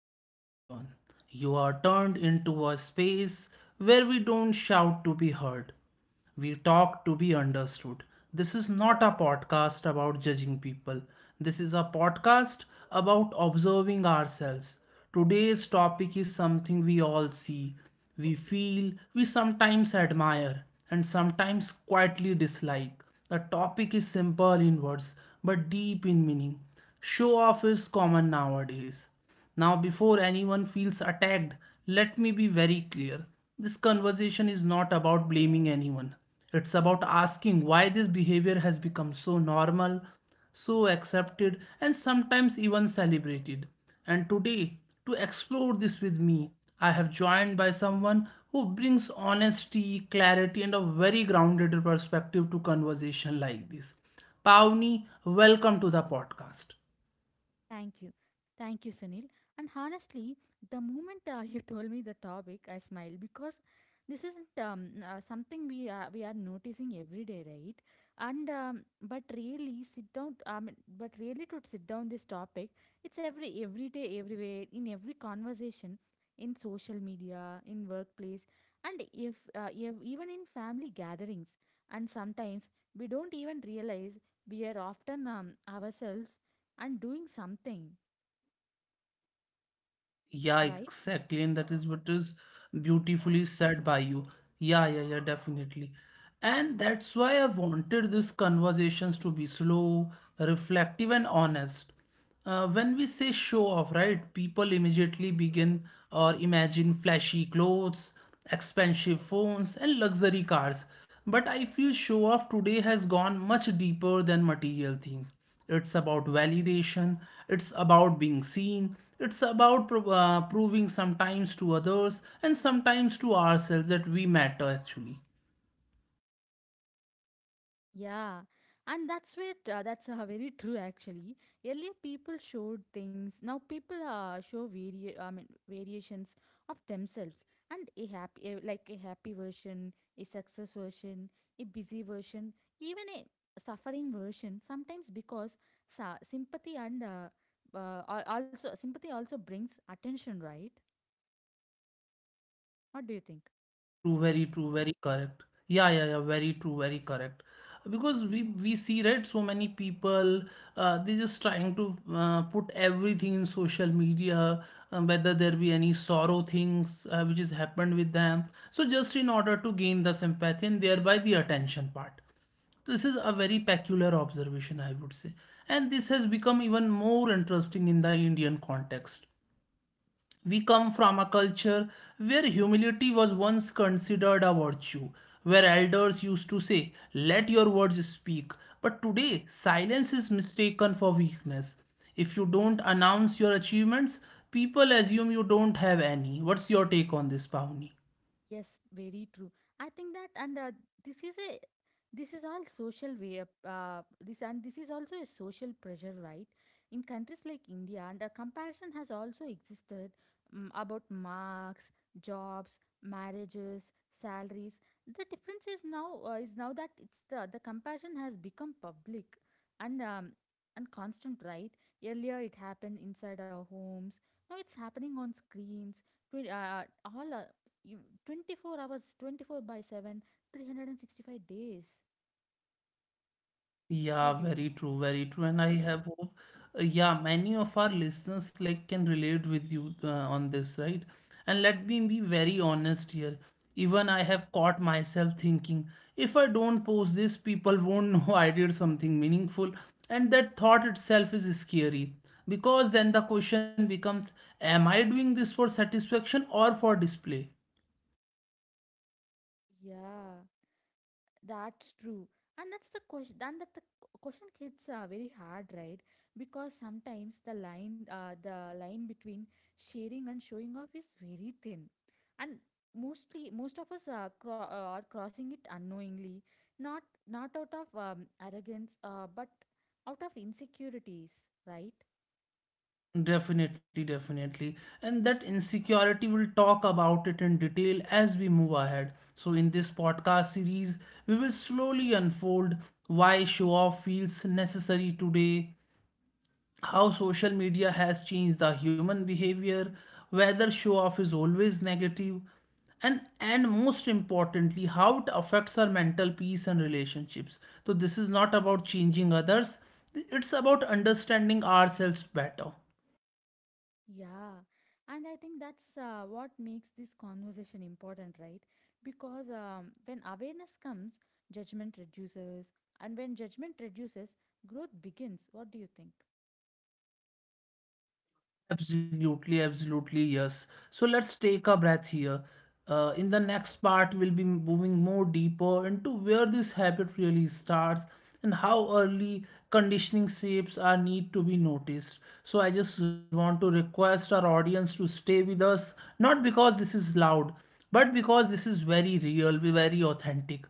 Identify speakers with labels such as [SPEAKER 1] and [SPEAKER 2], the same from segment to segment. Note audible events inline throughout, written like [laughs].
[SPEAKER 1] welcome everyone. You are turned into a space where we don't shout to be heard. We talk to be understood. This is not a podcast about judging people. This is a podcast about observing ourselves. Today's topic is something we all see, we feel, we sometimes admire, and sometimes quietly dislike. The topic is simple in words but deep in meaning. Show off is common nowadays. Now, before anyone feels attacked, let me be very clear. This conversation is not about blaming anyone. It's about asking why this behavior has become so normal, so accepted, and sometimes even celebrated. And today, to explore this with me, I have joined by someone who brings honesty, clarity, and a very grounded perspective to conversation like this. Pavni, welcome to the podcast.
[SPEAKER 2] Thank you. Thank you, Sunil. And honestly, the moment [laughs] you told me the topic, I smiled because this isn't something we are noticing every day, right? And but really sit down. I mean, but really to sit down this topic, it's every day, everywhere, in every conversation, in social media, in workplace, and if, ev even in family gatherings. And sometimes we don't even realize we are often ourselves and doing something,
[SPEAKER 1] Yeah,
[SPEAKER 2] right?
[SPEAKER 1] exactly. And that is what is beautifully said by you. Yeah, yeah, yeah, definitely. And that's why I wanted these conversations to be slow, reflective, and honest. When we say show off, right, people immediately begin or imagine flashy clothes, expensive phones, and luxury cars. But I feel show off today has gone much deeper than material things. It's about validation, it's about being seen, it's about proving sometimes to others and sometimes to ourselves that we matter actually.
[SPEAKER 2] Yeah, and that's very true actually. Earlier, people showed things. Now people show variations of themselves and a happy version, a success version, a busy version, even a suffering version. Sometimes because sympathy and also sympathy also brings attention, right? What do you think?
[SPEAKER 1] Very true, very true, very correct. Yeah, yeah, yeah, very true, very correct. Because we see, right, so many people they just trying to put everything in social media, whether there be any sorrow things which has happened with them. So just in order to gain the sympathy and thereby the attention part. So this is a very peculiar observation, I would say. And this has become even more interesting in the Indian context. We come from a culture where humility was once considered a virtue, where elders used to say, "Let your words speak." But today, silence is mistaken for weakness. If you don't announce your achievements, people assume you don't have any. What's your take on this, Pawni?
[SPEAKER 2] Yes, very true. I think that, and This is a this is all social way up. This and this is also a social pressure, right? In countries like India, and a comparison has also existed about marks, jobs, marriages, salaries. The difference is now that it's the comparison has become public, and um, and constant, right? Earlier, it happened inside our homes. Now it's happening on screens. Twi- all you 24 hours 24 by 7 365 days. What
[SPEAKER 1] Yeah,
[SPEAKER 2] do you
[SPEAKER 1] very
[SPEAKER 2] think?
[SPEAKER 1] true, very true. And I have hope, yeah, many of our listeners like can relate with you on this, right? And let me be very honest here. Even I have caught myself thinking, if I don't post this, people won't know [laughs] I did something meaningful. And that thought itself is scary because then the question becomes, am I doing this for satisfaction or for display?
[SPEAKER 2] Yeah, that's true. And that's the question, and that the question hits are very hard, right? Because sometimes the line between sharing and showing off is very thin, and most of us are are crossing it unknowingly, not not out of arrogance but out of insecurities, right?
[SPEAKER 1] Definitely, definitely. And that insecurity, we'll talk about it in detail as we move ahead. So, in this podcast series, we will slowly unfold why show off feels necessary today, how social media has changed the human behavior, whether show off is always negative, and most importantly how it affects our mental peace and relationships. So this is not about changing others, it's about understanding ourselves better.
[SPEAKER 2] Yeah, and I think that's what makes this conversation important, right? Because when awareness comes, judgment reduces, and when judgment reduces, growth begins. What do you think?
[SPEAKER 1] Absolutely, absolutely, yes. So let's take a breath here. In the next part, we'll be moving more deeper into where this habit really starts and how early conditioning shapes are need to be noticed. So I just want to request our audience to stay with us, not because this is loud, but because this is very real, very authentic.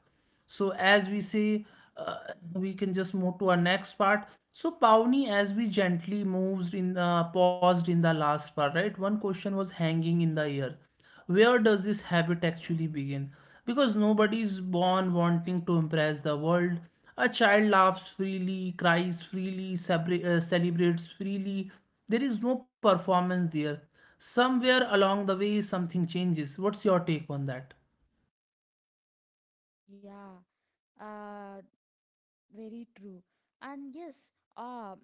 [SPEAKER 1] So as we say, uh, we can just move to our next part. So Pawnee, as we gently moves in, paused in the last part, right? One question was hanging in the air. Where does this habit actually begin? Because nobody is born wanting to impress the world. A child laughs freely, cries freely, celebrates freely. There is no performance there. Somewhere along the way, something changes. What's your take on that?
[SPEAKER 2] Yeah, uh, Very true. And yes, uh,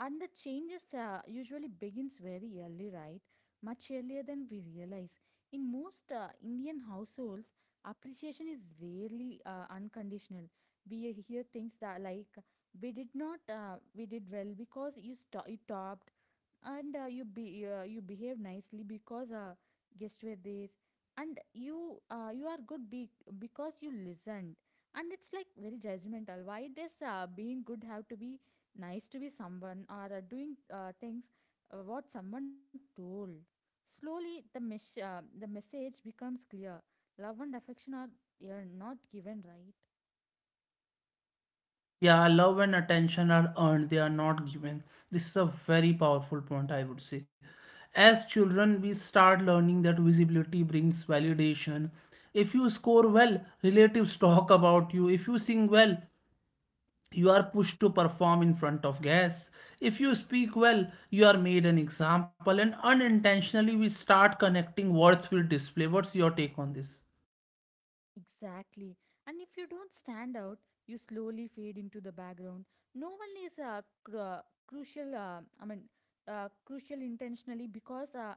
[SPEAKER 2] And the changes usually begins very early, right? Much earlier than we realize. In most Indian households, appreciation is rarely unconditional. We hear things that like we did not, we did well because you topped, and you behave nicely because guests were there, and you are good because you listened. And it's like very judgmental. Why does being good have to be nice to be someone or doing things what someone told? Slowly the message becomes clear: love and affection are not given, right?
[SPEAKER 1] Yeah, love and attention are earned, they are not given. This is a very powerful point, I would say. As children, we start learning that visibility brings validation. If you score well, relatives [laughs] talk about you. If you sing well, you are pushed to perform in front of guests. If you speak well, you are made an example, and unintentionally, we start connecting worth with display. What's your take on this?
[SPEAKER 2] Exactly. And if you don't stand out, you slowly fade into the background. No one is crucial, crucial intentionally, because uh,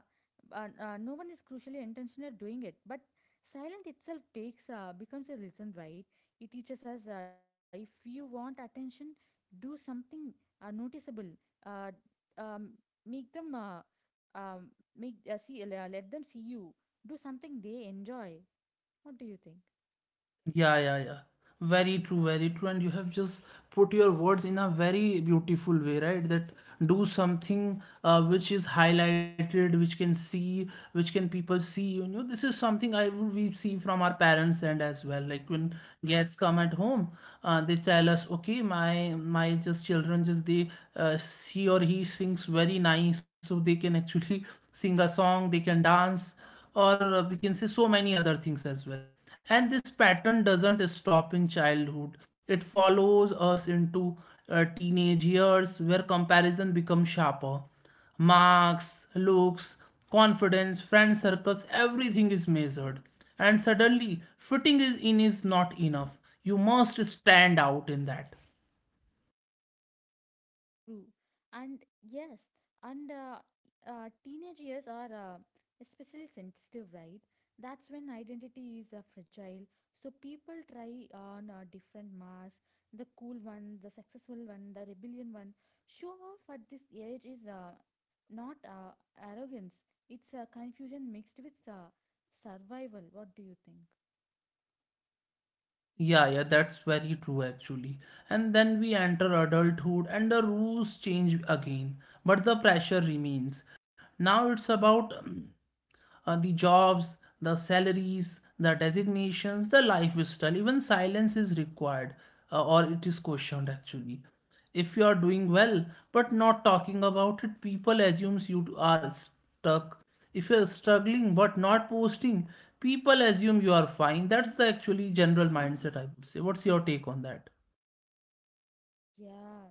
[SPEAKER 2] uh, uh, no one is crucially intentional doing it. But silent itself becomes a lesson, right? It teaches us, if you want attention, do something noticeable. Uh, um, make them um, make see Let them see you. Do something they enjoy. What do you think?
[SPEAKER 1] Yeah, yeah, yeah. Very true, very true. And you have just put your words in a very beautiful way, right? That do something which is highlighted, which can see, which can people see. You know, this is something I would we see from our parents and as well. Like when guests come at home, they tell us, okay, my just children just they she or he sings very nice, so they can actually [laughs] sing a song, they can dance or we can say so many other things as well. And this pattern doesn't stop in childhood, it follows us into teenage years where comparison becomes sharper. Marks, looks, confidence, friend circles, everything is measured. And suddenly, fitting is in is not enough. You must stand out in that.
[SPEAKER 2] True. And yes, and Teenage years are especially sensitive, right? That's when identity is fragile. So people try on different masks, the cool one, the successful one, the rebellion one. Show off at this age is not arrogance. It's confusion mixed with survival. What do you think?
[SPEAKER 1] Yeah, yeah, that's very true actually. And then we enter adulthood and the rules change again, but the pressure remains. Now it's about the jobs, the salaries, the designations, the lifestyle, even silence is required or it is questioned actually. If you are doing well but not talking about it, people assumes you are stuck. If you are struggling but not posting, people assume you are fine. That's the actually general mindset, I would say. What's your take on that?
[SPEAKER 2] Yeah,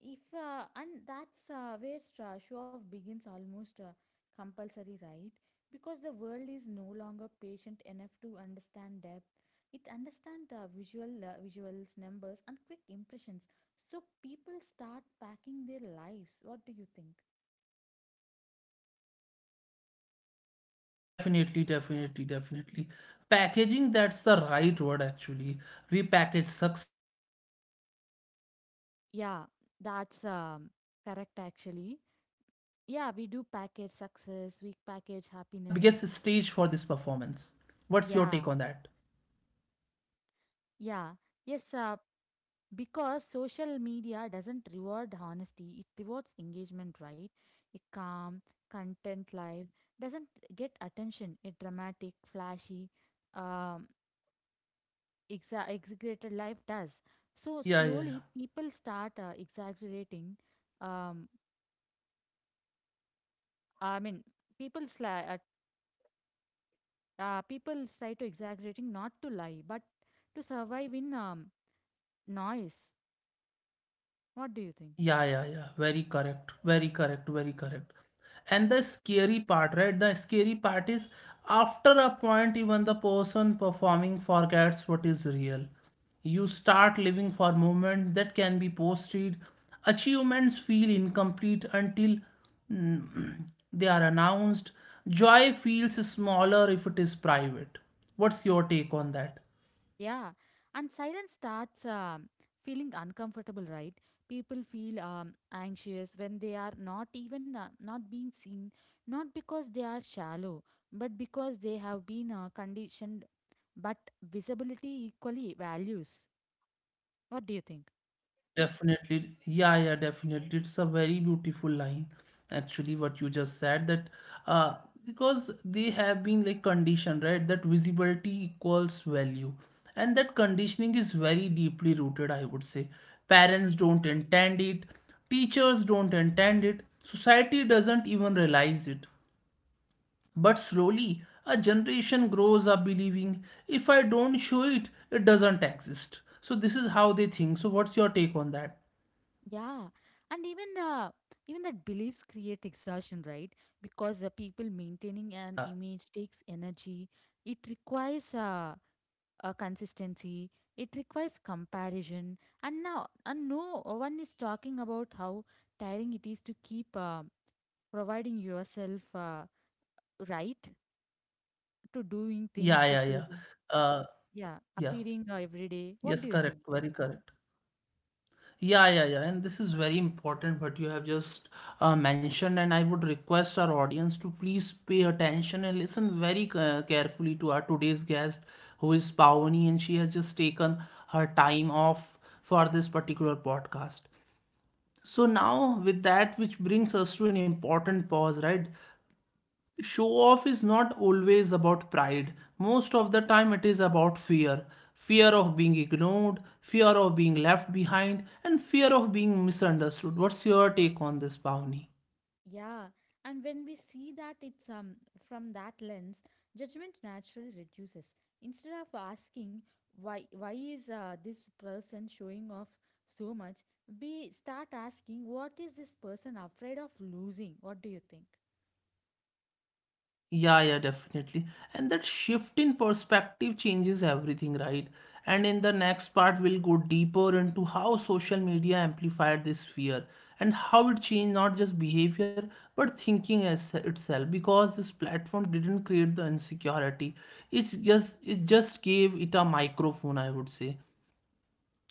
[SPEAKER 2] if and that's where show off begins almost compulsory, right? Because the world is no longer patient enough to understand depth. It understands visuals, numbers, and quick impressions. So people start packing their lives. What do you think?
[SPEAKER 1] Definitely, definitely, definitely. Packaging, that's the right word actually. We package success, we package happiness,
[SPEAKER 2] Yeah,
[SPEAKER 1] sometimes we even
[SPEAKER 2] that's
[SPEAKER 1] package pain,
[SPEAKER 2] correct
[SPEAKER 1] and social
[SPEAKER 2] actually.
[SPEAKER 1] media becomes the
[SPEAKER 2] Yeah, we
[SPEAKER 1] biggest
[SPEAKER 2] do
[SPEAKER 1] stage
[SPEAKER 2] package
[SPEAKER 1] for this
[SPEAKER 2] success, we
[SPEAKER 1] performance.
[SPEAKER 2] package
[SPEAKER 1] What's your
[SPEAKER 2] happiness.
[SPEAKER 1] take on that?
[SPEAKER 2] Yeah, yeah. Yes, uh, because social media doesn't reward honesty, it rewards engagement, right? A calm content life doesn't get attention. A dramatic, flashy um, exaggerated life does. So
[SPEAKER 1] Yeah, yeah, yeah.
[SPEAKER 2] slowly people start exaggerating. Um, i mean people sli- uh, people try to exaggerating not to lie but to survive in noise. What do you think?
[SPEAKER 1] Yeah, yeah, yeah. Very correct. Very correct. Very correct. And the scary part, right? The scary part is after a point, even the person performing forgets what is real. You start living for moments that can be posted. Achievements feel incomplete until mm, [clears throat] they are announced. Joy feels smaller if it is private. What's your take on that?
[SPEAKER 2] Yeah, and silence starts feeling uncomfortable, right? People feel anxious when they are not even not being seen, not because they are shallow, but because they have been conditioned. But visibility equally values. What do you think?
[SPEAKER 1] Definitely, yeah, yeah, definitely. It's a very beautiful line, actually, what you just said, that uh, because they have been like conditioned, right? That visibility equals value, and that conditioning is very deeply rooted, I would say. Parents don't intend it, teachers don't intend it, society doesn't even realize it. But slowly, a generation grows up believing if I don't show it, it doesn't exist. So, this is how they think. So, what's your take on that?
[SPEAKER 2] Yeah, and even that beliefs create exhaustion, right? Because the people maintaining an
[SPEAKER 1] Yeah.
[SPEAKER 2] image takes energy. It requires consistency, it requires comparison, and now and no one is talking about how tiring it is to keep providing yourself, right, to doing things
[SPEAKER 1] Yeah,
[SPEAKER 2] the
[SPEAKER 1] yeah, yeah.
[SPEAKER 2] same,
[SPEAKER 1] Uh,
[SPEAKER 2] yeah,
[SPEAKER 1] yeah.
[SPEAKER 2] appearing every day. What
[SPEAKER 1] Yes,
[SPEAKER 2] do you
[SPEAKER 1] correct.
[SPEAKER 2] think?
[SPEAKER 1] Very correct. Yeah, yeah, yeah. And this is very important what you have just mentioned. And I would request our audience to please pay attention and listen very carefully to our today's guest, who is Pawani, and she has just taken her time off for this particular podcast. So now, with that, which brings us to an important pause, right? Show off is not always about pride. Most of the time, it is about fear, fear of being ignored, fear of being left behind, and fear of being misunderstood. What's your take on this, Bhavani?
[SPEAKER 2] Yeah, and when we see that it's from that lens, judgment naturally reduces. Instead of asking why is this person showing off so much, we start asking what is this person afraid of losing? What do you think?
[SPEAKER 1] Yeah, yeah, definitely. And that shift in perspective changes everything, right? And in the next part, we'll go deeper into how social media amplified this fear and how it changed not just behavior but thinking as itself. Because this platform didn't create the insecurity, it just gave it a microphone, I would say.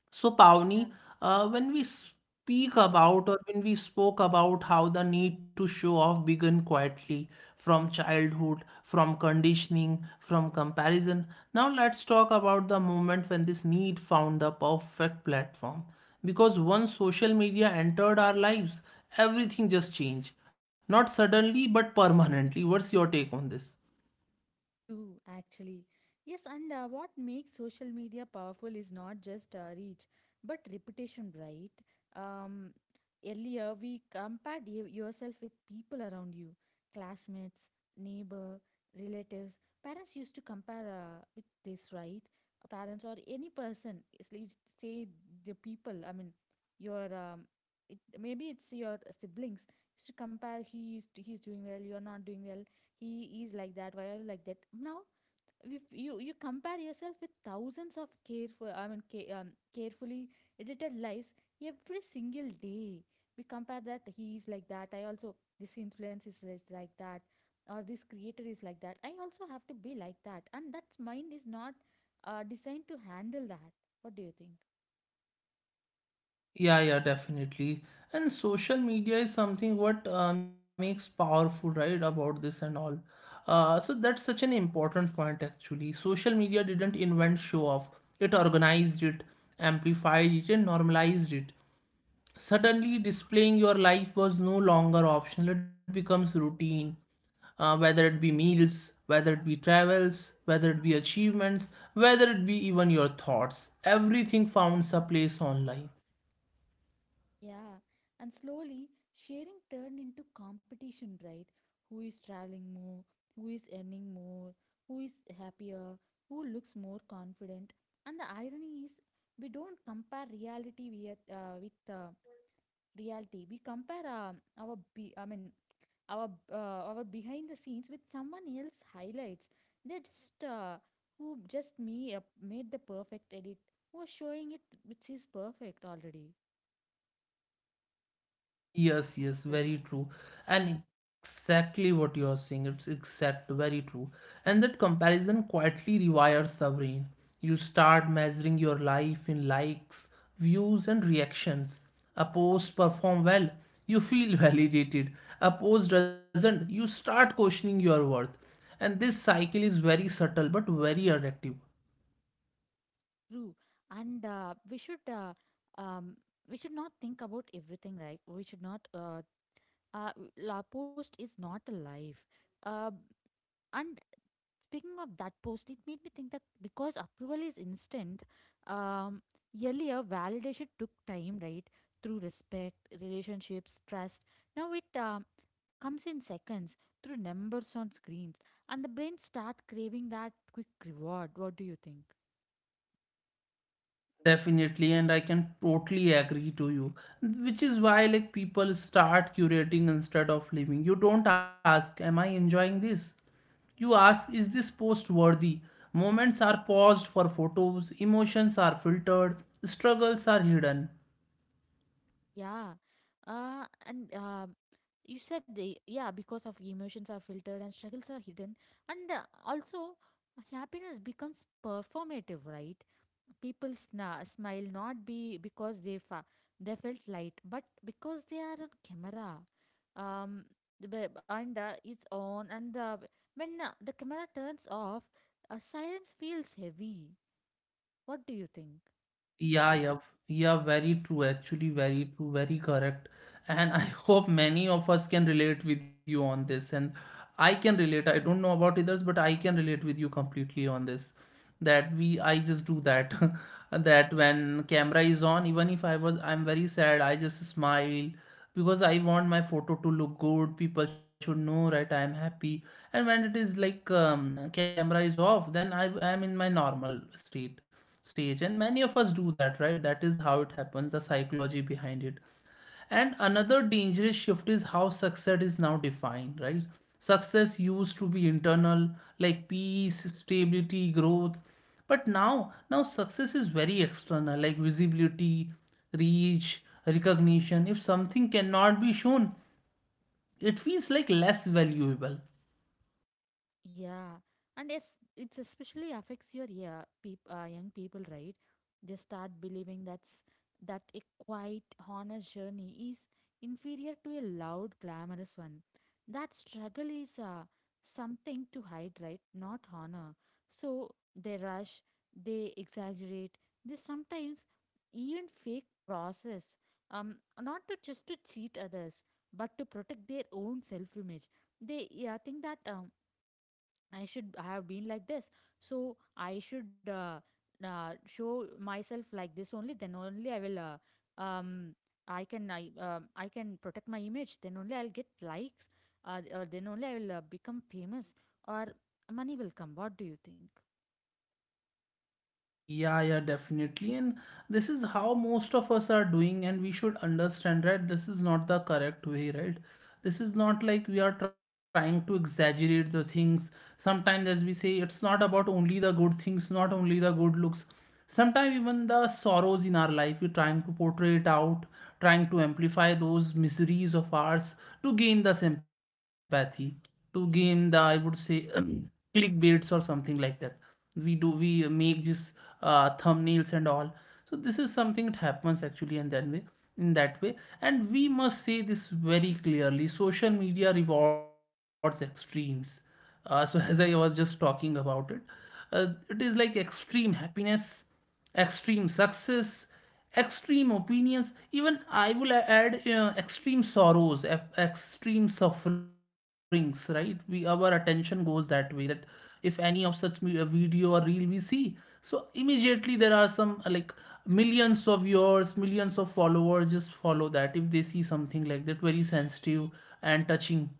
[SPEAKER 1] So,
[SPEAKER 2] Yeah.
[SPEAKER 1] Pavni, when we speak about, or when we spoke about, how the need to show off began quietly from childhood, from conditioning, from comparison, now let's talk about the moment when this need found the perfect platform. Because once social media entered our lives, everything just changed. Not suddenly, but permanently. What's your take on this?
[SPEAKER 2] True, actually. Yes, and What makes social media powerful is not just reach, but reputation, right? Um, Earlier, we compared yourself with people around you, classmates, neighbor, relatives. Parents used to compare with this, right? Parents or any person, at least say the people. Your um, Maybe it's your siblings. Used to compare. He's doing well. You're not doing well. He is like that, why are you like that? Now if you compare yourself with thousands of carefully edited lives every single day. We compare that he is like that, I also. This influence is like that, or this creator is like that, I also have to be like that. And that mind is not designed to handle that. What do you think?
[SPEAKER 1] Yeah, yeah, definitely. And social media is something what makes powerful, right, about this and all. So that's such an important point actually. Social media didn't invent show off. It organized it, amplified it, and normalized it. Suddenly, displaying your life was no longer optional. It becomes routine. Whether it be meals, whether it be travels, whether it be achievements, whether it be even your thoughts, everything finds a place online.
[SPEAKER 2] Yeah, and slowly sharing turned into competition, right? Who is traveling more? Who is earning more? Who is happier? Who looks more confident? And the irony is, we don't compare reality with reality. We compare our be I mean our behind the scenes with someone else highlights. They just who just me made the perfect edit. Who are showing it, which is perfect already.
[SPEAKER 1] Yes, yes,
[SPEAKER 2] What do you
[SPEAKER 1] very
[SPEAKER 2] think?
[SPEAKER 1] true. And exactly what you are saying, it's exact, very true. And that comparison quietly rewires the brain. You start measuring your life in likes, views, and reactions. A post perform well, you feel [laughs] validated. A post doesn't, you start questioning your worth. And this cycle is very subtle but very addictive.
[SPEAKER 2] True. And um, we should not think about everything, right? We should not uh la, post is not a life. Uh, and speaking of that post, it made me think that because approval is instant. um, Earlier, validation took time, right? Through respect, relationships, trust. Now it comes in seconds through numbers on screens, and the brain start craving that quick reward. What do you think?
[SPEAKER 1] Definitely, and I can totally agree to you. Which is why, like, people start curating instead of living. You don't ask, "Am I enjoying this?" You ask, "Is this post worthy?" Moments are paused for photos, emotions are filtered, struggles are hidden.
[SPEAKER 2] Yeah. And You said, because of emotions are filtered and struggles are hidden. And also, happiness becomes performative, right? People smile not be because they they felt light, but because they are on camera. Um, the be- and it's on, and When the camera turns off, silence feels heavy. What do you think?
[SPEAKER 1] Yeah, yeah, yeah, very true. Actually, very true, very correct. And I [laughs] hope many of us can relate with you on this. And I can relate. I don't know about others, but I can relate with you completely on this. I just do that. [laughs] That when camera is on, even if I was, I'm very sad, I just smile because I want my photo to look good. People should know, right? I am happy. And when it is like camera is off, then I am in my normal state stage. And many of us do that, right? That is how it happens, the psychology behind it. And another dangerous shift is how success is now defined, right? Success used to be internal, like peace, stability, growth. But now success is very external, like visibility, reach, recognition. If something cannot be shown, it feels like less valuable.
[SPEAKER 2] Yeah, and yes, it especially affects young people, right? They start believing that a quiet, honest journey is inferior to a loud, glamorous one. That struggle is something to hide, right? Not honor. So they rush, they exaggerate, they sometimes even fake process, not to cheat others, but to protect their own self-image. Think that I should have been like this. So I should show myself like this only. Then only I will. Um, I can I can protect my image. Then only I'll get likes. Or then only I will become famous, or money will come. What do you think?
[SPEAKER 1] Yeah, yeah, definitely. And this is how most of us are doing, and we should understand, right? This is not the correct way, right? This is not like we are trying to exaggerate the things. Sometimes, as we say, it's not about only the good things, not only the good looks. Sometimes, even the sorrows in our life, we're trying to portray it out, trying to amplify those miseries of ours to gain the sympathy, to gain the, I would say, [clears throat] clickbaits or something like that. We make these thumbnails and all. So this is something that happens actually in that way. And we must say this very clearly: social media rewards extremes. So, [laughs] as I was just talking about it, it is like extreme happiness, extreme success, extreme opinions. Even I will add extreme extreme sufferings, right? We Our attention goes that way, that if any of such a video or reel we see, so immediately there are some like millions of viewers, millions of followers just follow that, if they see something like that, very sensitive and touching.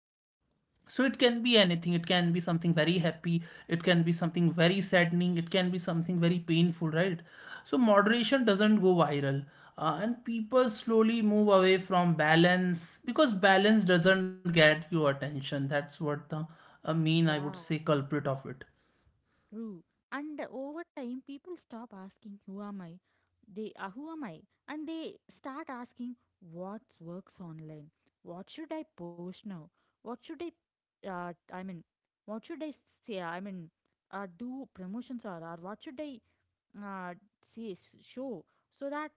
[SPEAKER 1] So it can be anything. It can be something very happy, it can be something very saddening, it can be something very painful, right? So moderation doesn't go viral. And people slowly move away from balance, because balance doesn't get you attention. That's what the main, I would
[SPEAKER 2] Yeah.
[SPEAKER 1] say, culprit of it.
[SPEAKER 2] True. And over time, people stop asking, who am I? They Who am I? And they start asking, what works online? What should I post now? What should I, what should I say? Do promotions, or what should I uh, say, show, so that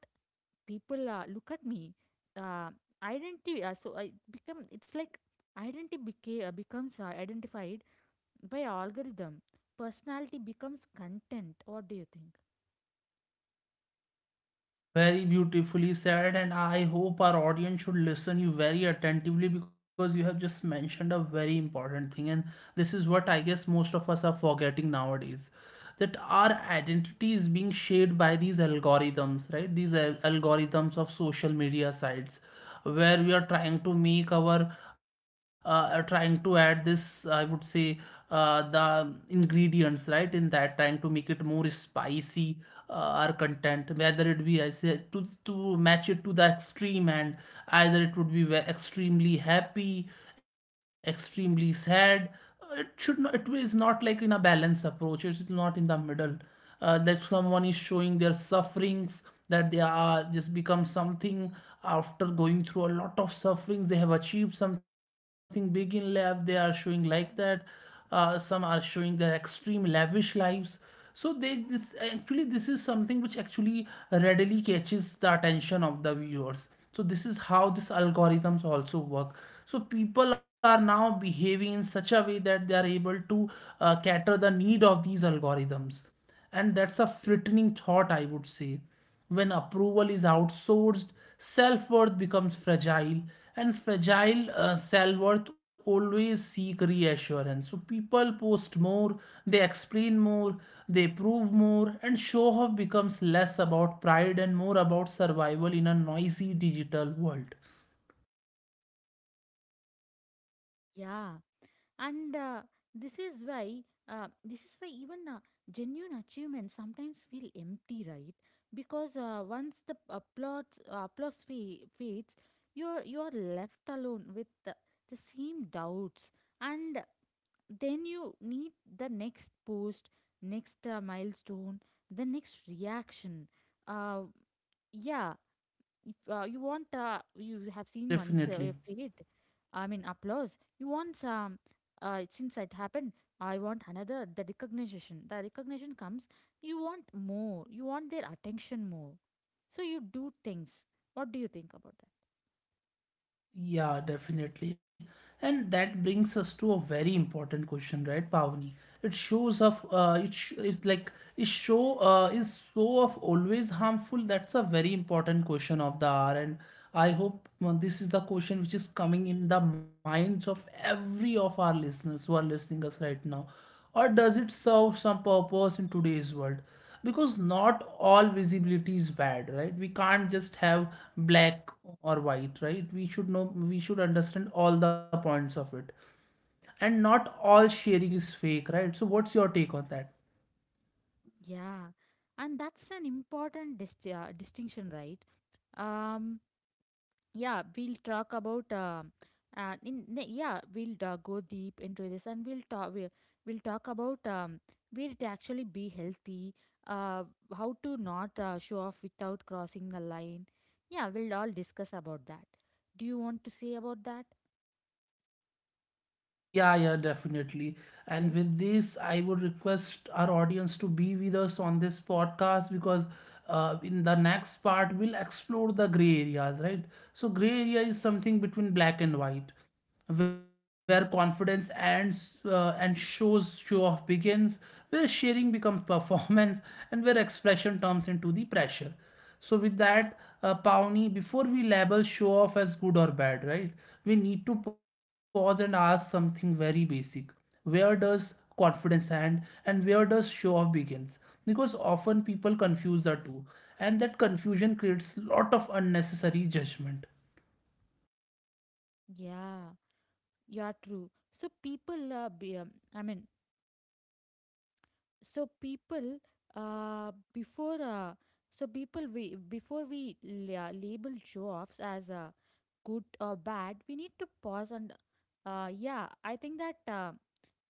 [SPEAKER 2] people look at me. Uh, identity So I become, it's like identity becomes identified by algorithm, personality becomes content. What do you think?
[SPEAKER 1] Very beautifully said, and I hope our audience should listen you very attentively, because you have just mentioned a very important thing, and this is what I guess most of us are forgetting nowadays, that our identity is being shaped by these algorithms, right? These algorithms of social media sites, where we are trying to make our trying to add this, I would say, the ingredients, right? In that, trying to make it more spicy, uh, our content, whether it be, I say, to match it to the extreme. And either it would be extremely happy, extremely sad. It should not, it is not like in a balanced approach, it is not in the middle. That someone is showing their sufferings, that they are just become something after going through a lot of sufferings, they have achieved something big in life, they are showing like that. Some are showing their extreme lavish lives. So they, this actually, this is something which actually readily catches the attention of the viewers. So this is how these algorithms also work. So people are now behaving in such a way that they are able to cater the need of these algorithms. And that's a frightening thought, I would say. When approval is outsourced, self worth becomes fragile, and fragile self worth always seek reassurance. So people post more, they explain more, they prove more, and show off becomes less about pride and more about survival in a noisy digital world.
[SPEAKER 2] Yeah, and this is why this is why even genuine achievements sometimes feel empty, right? Because once the applause fa- fades, you're left alone with the same doubts, and then you need the next post, next milestone, the next reaction. Uh, yeah, if you want you have seen once your
[SPEAKER 1] Definitely.
[SPEAKER 2] faith, I mean applause, you want some since it happened, I want another. The recognition, the recognition comes, you want more, you want their attention more, so you do things. What do you think about
[SPEAKER 1] Yeah, definitely. And that brings us to a very important question, right, Pavni? It shows of it sh it like is show Is so of always harmful? That's a very important question of the hour, and I hope this is the question which is coming in the minds of every of our listeners who are listening us right now. Or does it serve some purpose in today's world? Because not all visibility is bad, right? We can't just have black or white, right? We should know, we should understand all the points of it. And not all sharing is fake, right? So, what's your take on that?
[SPEAKER 2] that? Yeah, and that's an important distinction, right? um yeah, we'll talk about yeah, we'll go deep into this, and we'll talk about where to actually be healthy, uh, how to not show off without crossing the line. Yeah, we'll all discuss about that. Do you want to say about that?
[SPEAKER 1] Yeah, yeah, definitely. And
[SPEAKER 2] Hello.
[SPEAKER 1] with this, I would request our audience to be with us on this podcast, because in the next part, we'll explore the gray areas, right? So, gray area is something between black and white, where confidence ends and show off begins, where sharing becomes [laughs] performance, and where expression turns into the pressure. So with that, Pawnee, before we label show off as good or bad, right? We need to pause and ask something very basic. Where does confidence end, and where does show off begins? Because often people confuse the two, and that confusion creates lot of unnecessary judgment.
[SPEAKER 2] Yeah, you are true. So people I mean, so people, before so people, we before we label jobs as good or bad, we need to pause and yeah, I think that uh,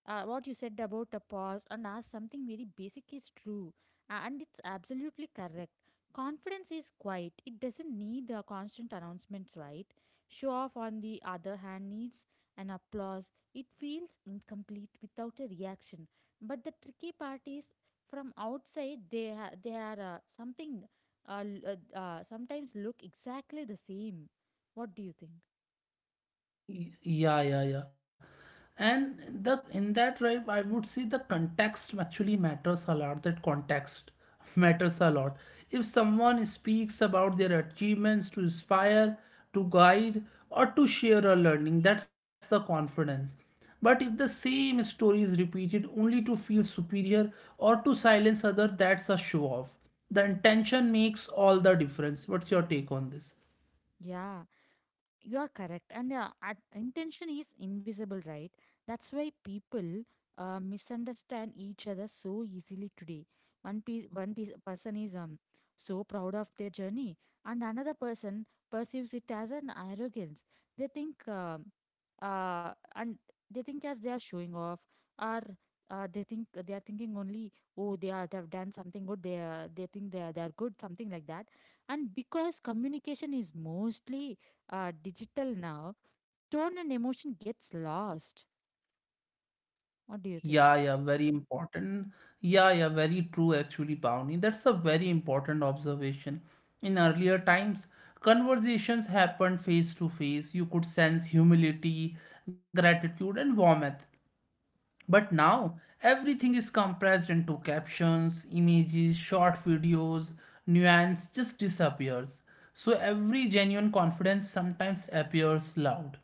[SPEAKER 2] uh, what you said about a pause and ask something very basic is true, and it's absolutely correct. Confidence is quiet, it doesn't need the constant announcements, right? Show off, on the other hand, needs an applause, it feels incomplete without a reaction. But the tricky part is, from outside, they they are something, sometimes look exactly the same. What do you think?
[SPEAKER 1] Yeah, yeah, yeah. And the, in that drive, I would say the context actually matters a lot. That context [laughs] matters a lot. If someone speaks about their achievements to inspire, to guide, or to share a learning, that's the confidence. But if the same story is repeated only to feel superior or to silence other, that's a show off. The intention makes all the difference. What's your take on this?
[SPEAKER 2] Yeah, you are correct. And intention is invisible, right? That's why people misunderstand each other so easily today. One person is so proud of their journey, and another person perceives it as an arrogance. They think, and they think as they are showing off, or they think, they are thinking only, oh, they are, have done something good. They are, they think they are good, something like that. And because communication is mostly digital now, tone and emotion gets lost. What do you
[SPEAKER 1] Yeah,
[SPEAKER 2] think?
[SPEAKER 1] yeah, very important. Yeah, yeah, very true actually, Bhavani. That's a very important observation. In earlier times, conversations happened face to face. You could sense humility, gratitude, and warmth. But now, everything is compressed into captions, images, short videos, nuance just disappears. So every genuine confidence sometimes appears loud.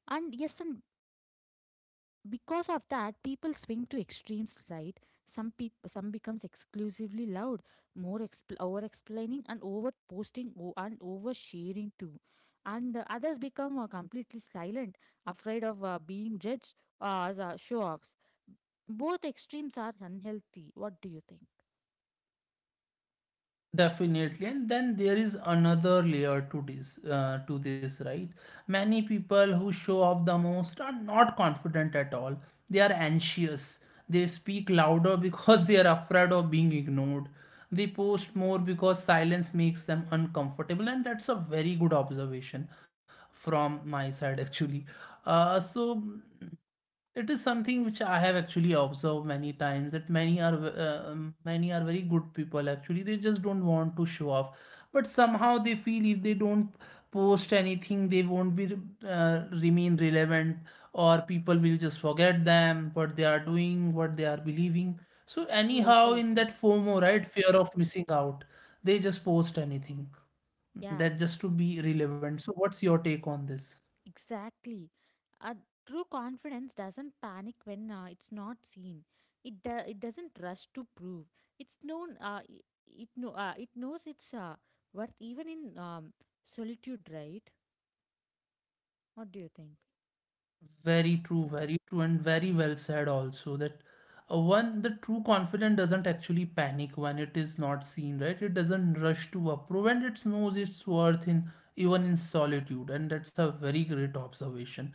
[SPEAKER 2] Yeah, true. And yes, and because of that, people swing to extremes, right? Some people, some becomes exclusively loud, more over explaining and over posting and over sharing too, and others become completely silent, afraid of being judged as show offs. Both extremes are unhealthy. What do you think?
[SPEAKER 1] Definitely, and then there is another layer to this, right? Many people who show off the most are not confident at all. They are anxious. They speak louder because [laughs] they are afraid of being ignored. They post more because silence makes them uncomfortable, and that's a very good observation from my side, [laughs] actually. Uh, so. It is something which I have actually observed many times, that many are very good people actually, they just don't want to show off, but somehow they feel if they don't post anything, they won't be remain relevant, or people will just forget them, what they are doing, what they are believing. So
[SPEAKER 2] True,
[SPEAKER 1] anyhow,
[SPEAKER 2] true,
[SPEAKER 1] in that
[SPEAKER 2] true.
[SPEAKER 1] FOMO, right? Fear of missing out, they just post anything,
[SPEAKER 2] Yeah.
[SPEAKER 1] that just to be relevant. So what's your take on this?
[SPEAKER 2] Exactly. A true confidence doesn't panic when it's not seen. It doesn't rush to prove. It's known. It knows its worth even in solitude, right? What do you think?
[SPEAKER 1] Very true, and very well said also, that the true confident doesn't actually panic when it is not seen, right? It doesn't rush to approve, and it knows its worth in, even in solitude. And that's a very great observation.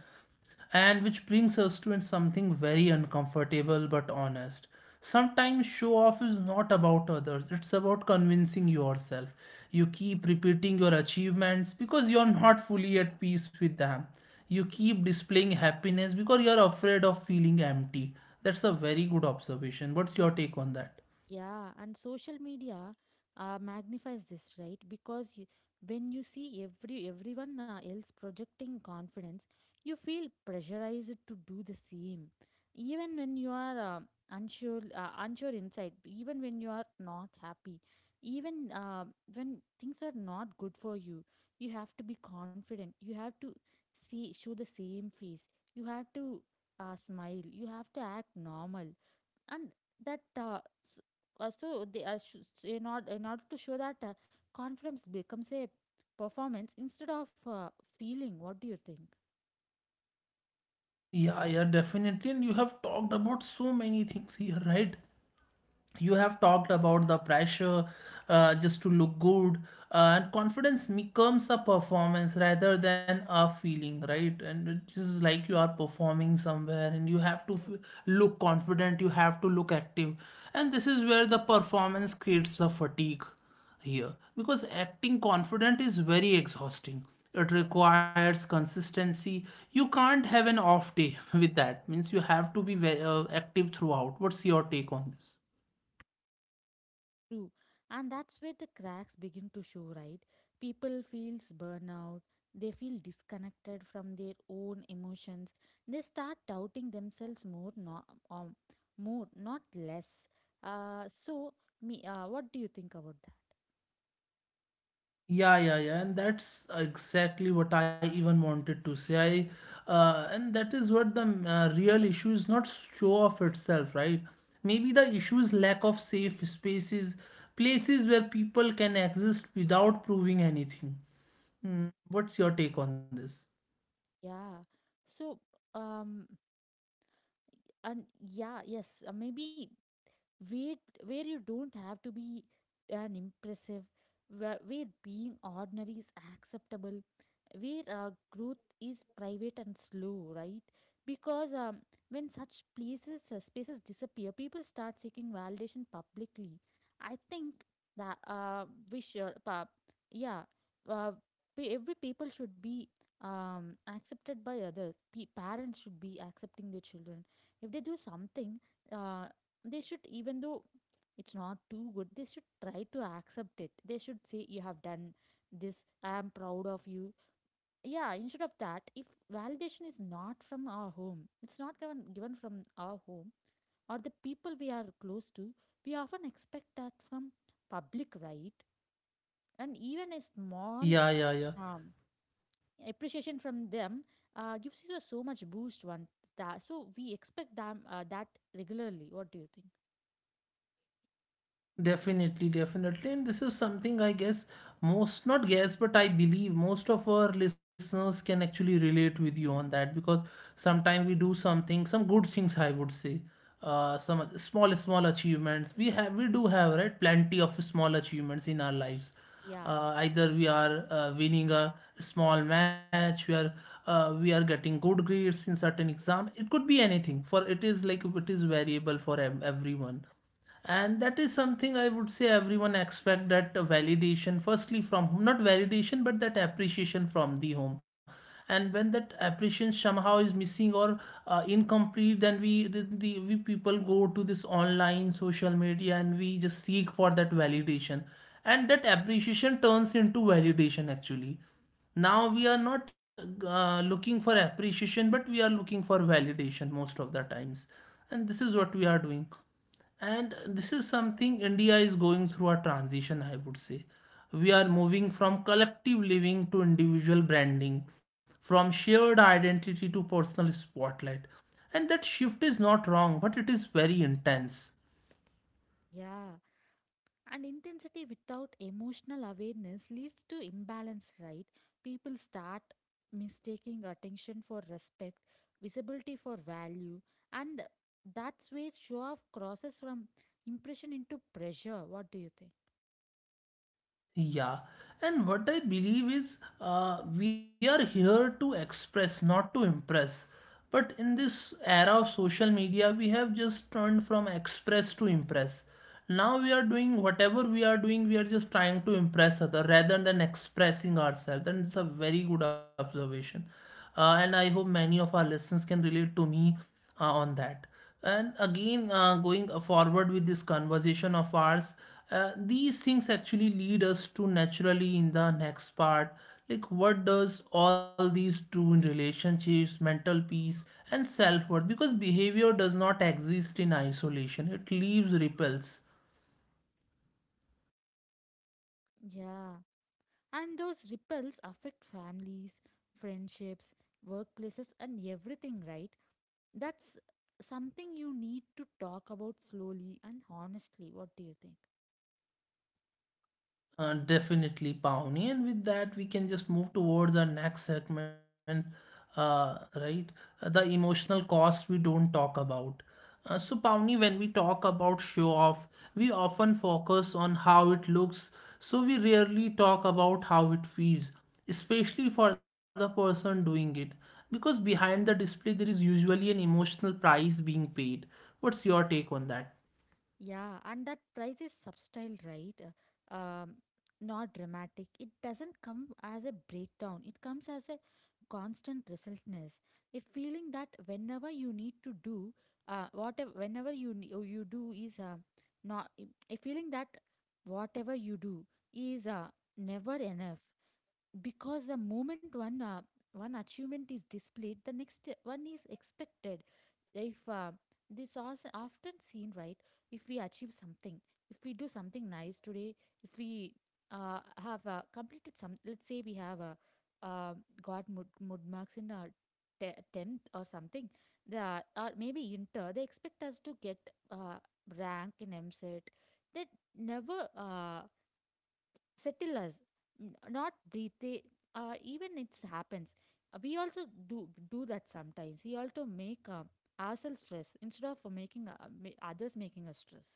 [SPEAKER 1] And which brings us to something very uncomfortable but honest. Sometimes show off is not about others, it's about convincing yourself. You keep repeating your achievements because you're not fully at peace with them. You keep displaying happiness because you're afraid of feeling empty. That's a very good observation. What's your take on that?
[SPEAKER 2] Yeah, and social media magnifies this, right? Because you, when you see everyone else projecting confidence, you feel pressurized to do the same. Even when you are unsure inside, even when you are not happy, even when things are not good for you, you have to be confident. You have to see show the same face. You have to smile. You have to act normal, and that s- so they sh- s- in order to show that confidence becomes a performance instead of feeling. What do you think?
[SPEAKER 1] Yeah, yeah, definitely. And you have talked about so many things here, right? You have talked about the pressure, just to look good, and confidence becomes a performance rather than a feeling, right? And it's just like you are performing somewhere, and you have to look confident, you have to look active. And this is where the performance creates the fatigue here, because acting confident is very exhausting. It requires consistency. You can't have an off day [laughs] with that. Means you have to be active throughout. What's your take on this?
[SPEAKER 2] True. And that's where the cracks begin to show, right? People feels burnout, they feel disconnected from their own emotions, they start doubting themselves more, um, more, not less. So me What do you think about that?
[SPEAKER 1] Yeah, yeah, yeah, and that's exactly what I even wanted to say. I And that is what the real issue is not show of itself, right? Maybe the issue is lack of safe spaces, places where people can exist without proving anything. Hmm. What's your take on this?
[SPEAKER 2] yeah so um And yeah, yes, maybe where where you don't have to be an impressive, where being ordinary is acceptable, where growth is private and slow, right? Because when such places spaces disappear, people start seeking validation publicly. I think that we should yeah uh, pe- every people should be accepted by others. Parents should be accepting their children. If they do something, uh, they should even though it's not too good, they should try to accept it. They should say, you have done this, I am proud of you. Yeah, instead of that, if validation is not from our home, it's not given from our home or the people we are close to, we often expect that from public, right? And even a small
[SPEAKER 1] Yeah, yeah, yeah.
[SPEAKER 2] um, appreciation from them gives you so much boost once, that so we expect them that regularly. What do you think?
[SPEAKER 1] Definitely, definitely. And this is something I guess most, not guess, but I believe most of our listeners can actually relate with you on that. Because sometimes we do something, some good things, I would say. Some small, small achievements we have, we do have, right? Plenty of small achievements in our lives.
[SPEAKER 2] Yeah, yeah,
[SPEAKER 1] Either we are winning a small match, we are getting good grades in certain exam. It could be anything. For it is like it is variable for everyone. And that is something I would say, everyone expect that validation firstly from home, not validation but that appreciation from the home. And when that appreciation somehow is missing or incomplete, then we the we people go to this online social media and we just seek for that validation, and that appreciation turns into validation actually. Now we are not looking for appreciation, but we are looking for validation most of the times. And this is what we are doing. And this is something India is going through, a transition, I would say. We are moving from collective living to individual branding, from shared identity to personal spotlight. And that shift is not wrong, but it is very intense.
[SPEAKER 2] yeah. And intensity without emotional awareness leads to imbalance, right? People start mistaking attention for respect, visibility for value, and that's where show off crosses from impression into pressure. What do you think?
[SPEAKER 1] Yeah, and what I believe is we are here to express, not to impress. But in this era of social media, we have just turned from express to impress. Now, we are doing whatever we are doing, we are just trying to impress other rather than expressing ourselves. And it's a very good observation. And I hope many of our listeners can relate to me on that. And again, going forward with this conversation of ours, these things actually lead us to naturally in the next part. Like, what does all these do in relationships, mental peace, and self worth? Because behavior does not exist in isolation, it leaves ripples.
[SPEAKER 2] Yeah. And those ripples affect families, friendships, workplaces, and everything, right? That's something you need to talk about slowly and honestly. What do you think?
[SPEAKER 1] Definitely, Pawnee. And with that, we can just move towards our next segment, right? The emotional cost we don't talk about. So, Pawnee, when we talk about show off, we often focus on how it looks, so we rarely talk about how it feels, especially for the person doing it. Because behind the display, there is usually an emotional price being paid. What's your take on that?
[SPEAKER 2] Yeah, and that price is subtle, right? Um, Not dramatic. It doesn't come as a breakdown. It comes as a constant restlessness, a feeling that whenever you need to do, whatever whenever you ne- oh, you do is not a feeling that whatever you do is never enough, because the moment one achievement is displayed, the next one is expected. If this is often seen, right? If we achieve something, if we do something nice today, if we have completed some, let's say we have uh, got mud marks in our 10th or something, they are, or maybe inter, they expect us to get uh, rank in mset. They never settlers, not breathe. They even it happens. We also do do that sometimes. We also make ourselves stress instead of others making us stress.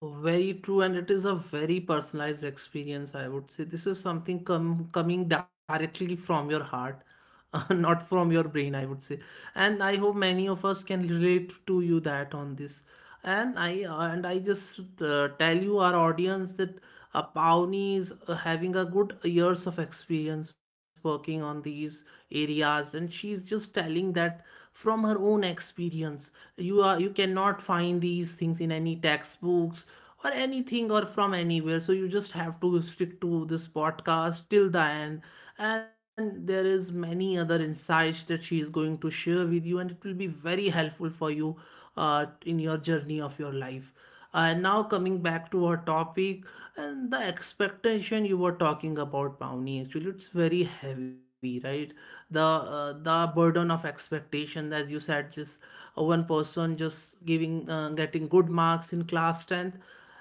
[SPEAKER 1] Very true, and it is a very personalized experience, I would say. This is something coming directly from your heart, [laughs] not from your brain, I would say. And I hope many of us can relate to you that on this. And I just tell you our audience that Pawnee is having a good years of experience working on these areas, and she's just telling that from her own experience. You cannot find these things in any textbooks or anything or from anywhere, so you just have to stick to this podcast till the end. And there is many other insights that she is going to share with you, and it will be very helpful for you in your journey of your life. And now, coming back to our topic and the expectation you were talking about, Pawnee, actually it's very heavy, right? The burden of expectation, as you said, just one person just giving getting good marks in class tenth.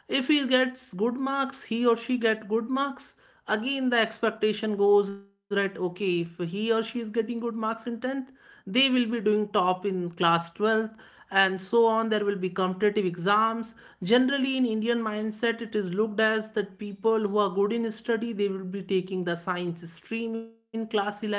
[SPEAKER 1] If he gets good marks, he or she get good marks, again the expectation goes that okay, if he or she is getting good marks in 10th, they will be doing top in class 12th, and so on there will be competitive exams. Generally in indian mindset, it is looked as that people who are good in study, they will be taking the science stream in class 11th.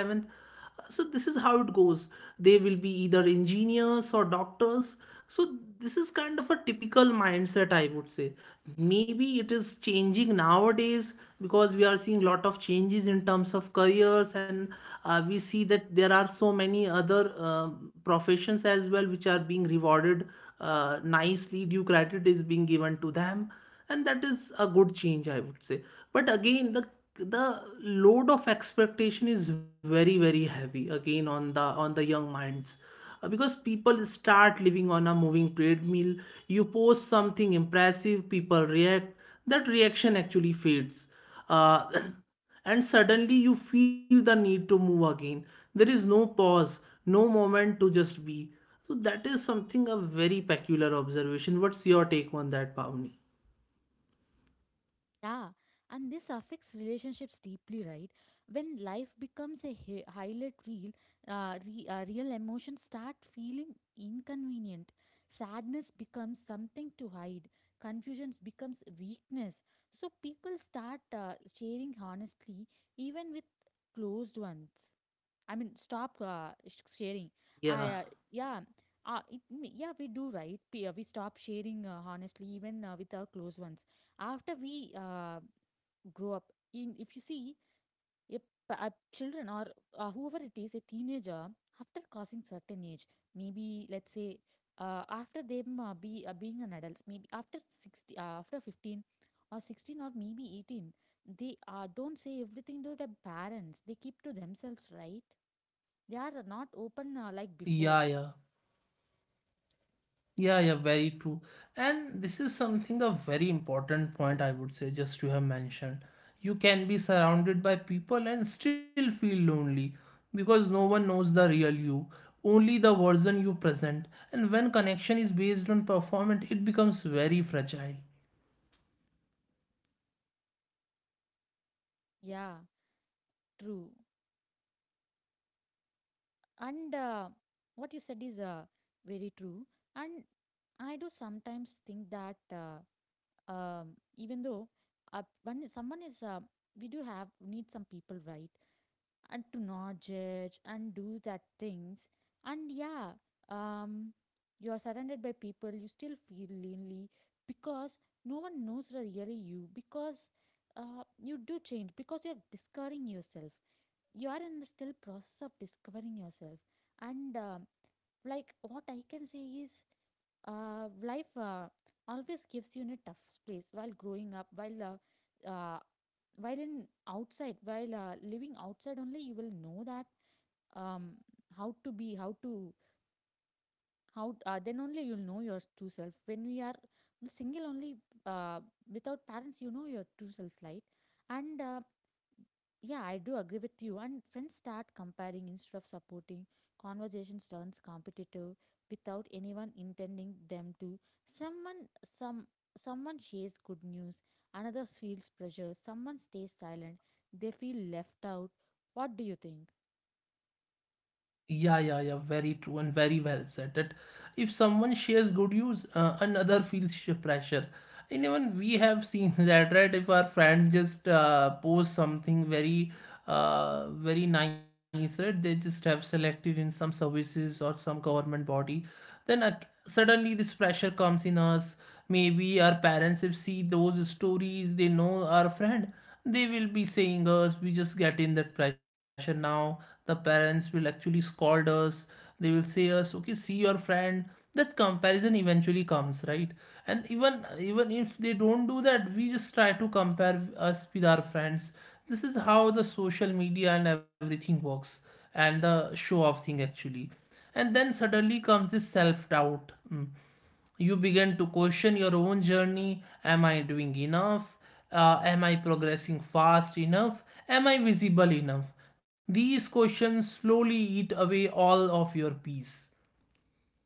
[SPEAKER 1] So this is how it goes. They will be either engineers or doctors. So this is kind of a typical mindset, I would say. Maybe it is changing nowadays, because we are seeing lot of changes in terms of careers. And we see that there are so many other um professions as well which are being rewarded nicely, due credit is being given to them. And that is a good change, I would say. But again, the load of expectation is very very heavy again on the young minds. Because people start living on a moving treadmill. You post something impressive, people react, that reaction actually fades. uh, [coughs] [clears throat] and suddenly you feel the need to move again. There is no pause, no moment to just be. So that is something, a very peculiar observation. What's your take on that, Pavni?
[SPEAKER 2] Yeah, and this affects relationships deeply, right? When life becomes a highlight reel, real emotions start feeling inconvenient. Sadness becomes something to hide. Confusion becomes weakness. So people start sharing honestly, even with closed ones. I mean, stop sharing.
[SPEAKER 1] Yeah,
[SPEAKER 2] I Yeah. Yeah, we do, right. We stop sharing honestly, even with our close ones after we grow up. In, if you see, if children or whoever, it is a teenager after crossing certain age, maybe let's say after them be being an adult, maybe after 60 after 15 or 16 or maybe 18, they don't say everything to their parents, they keep to themselves, right? They are not open like
[SPEAKER 1] yeah,
[SPEAKER 2] before.
[SPEAKER 1] yeah, yeah, very true. And this is something a very important point, I would say, just to have mentioned. You can be surrounded by people and still feel lonely because no one knows the real you, only the version you present. And when connection is based on performance, it becomes very fragile.
[SPEAKER 2] Yeah, true. And what you said is very true. And I do sometimes think that um, even though when someone is, we do have need some people, right? And to not judge and do that things. And yeah, um, you are surrounded by people, you still feel lonely because no one knows really you, because you do change because you're discovering yourself. You are in the still process of discovering yourself. And like what I can say is, life always gives you in a tough space while growing up, while uh, in outside, while living outside, only you will know that, um, how to be, how to, how then only you'll know your true self. When we are single only, uh, without parents, you know your true self, right? And yeah, I do agree with you. And friends start comparing instead of supporting. Conversations turns competitive without anyone intending them to. Someone some Someone shares good news, another feels pressure, someone stays silent, they feel left out. What do you think?
[SPEAKER 1] Yeah, very true and very well said that if someone shares good news, another feels pressure. And even we have seen [laughs] that, right? If our friend just posts something very, very nice, right? They just have selected in some services or some government body, then suddenly this pressure comes in us. Maybe our parents, if see those stories, they know our friend, they will be saying us, we just get in that pressure. Now the parents will actually scold us. They will say us, okay, see your friend. That comparison eventually comes, right? And even if they don't do that, we just try to compare us with our friends. This is how the social media and everything works, and the show off thing actually. And then suddenly comes this self doubt. Mm, you begin to question your own journey. Am I doing enough? Am I progressing fast enough? Am I visible enough? These questions slowly eat away all of your peace.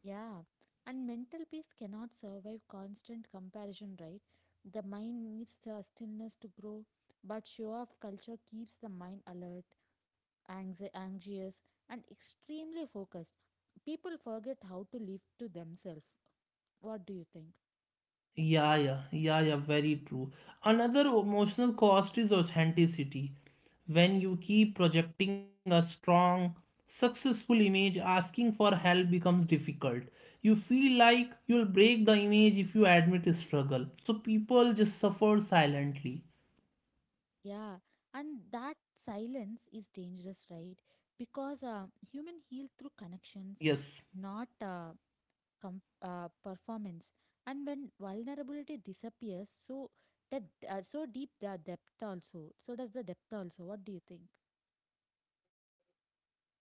[SPEAKER 2] Yeah, and mental peace cannot survive constant comparison, right? The mind needs the stillness to grow, but show off culture keeps the mind alert, anxious, and extremely focused. People forget how to live to themselves. What do you think?
[SPEAKER 1] Yeah, very true. Another emotional cost is authenticity. When you keep projecting a strong, successful image, asking for help becomes difficult. You feel like you'll break the image if you admit struggle. So people just suffer silently.
[SPEAKER 2] Yeah, and that silence is dangerous, right? Because human heal through connections,
[SPEAKER 1] Yes.
[SPEAKER 2] not performance, and when vulnerability disappears, that so does the depth also. What do you think?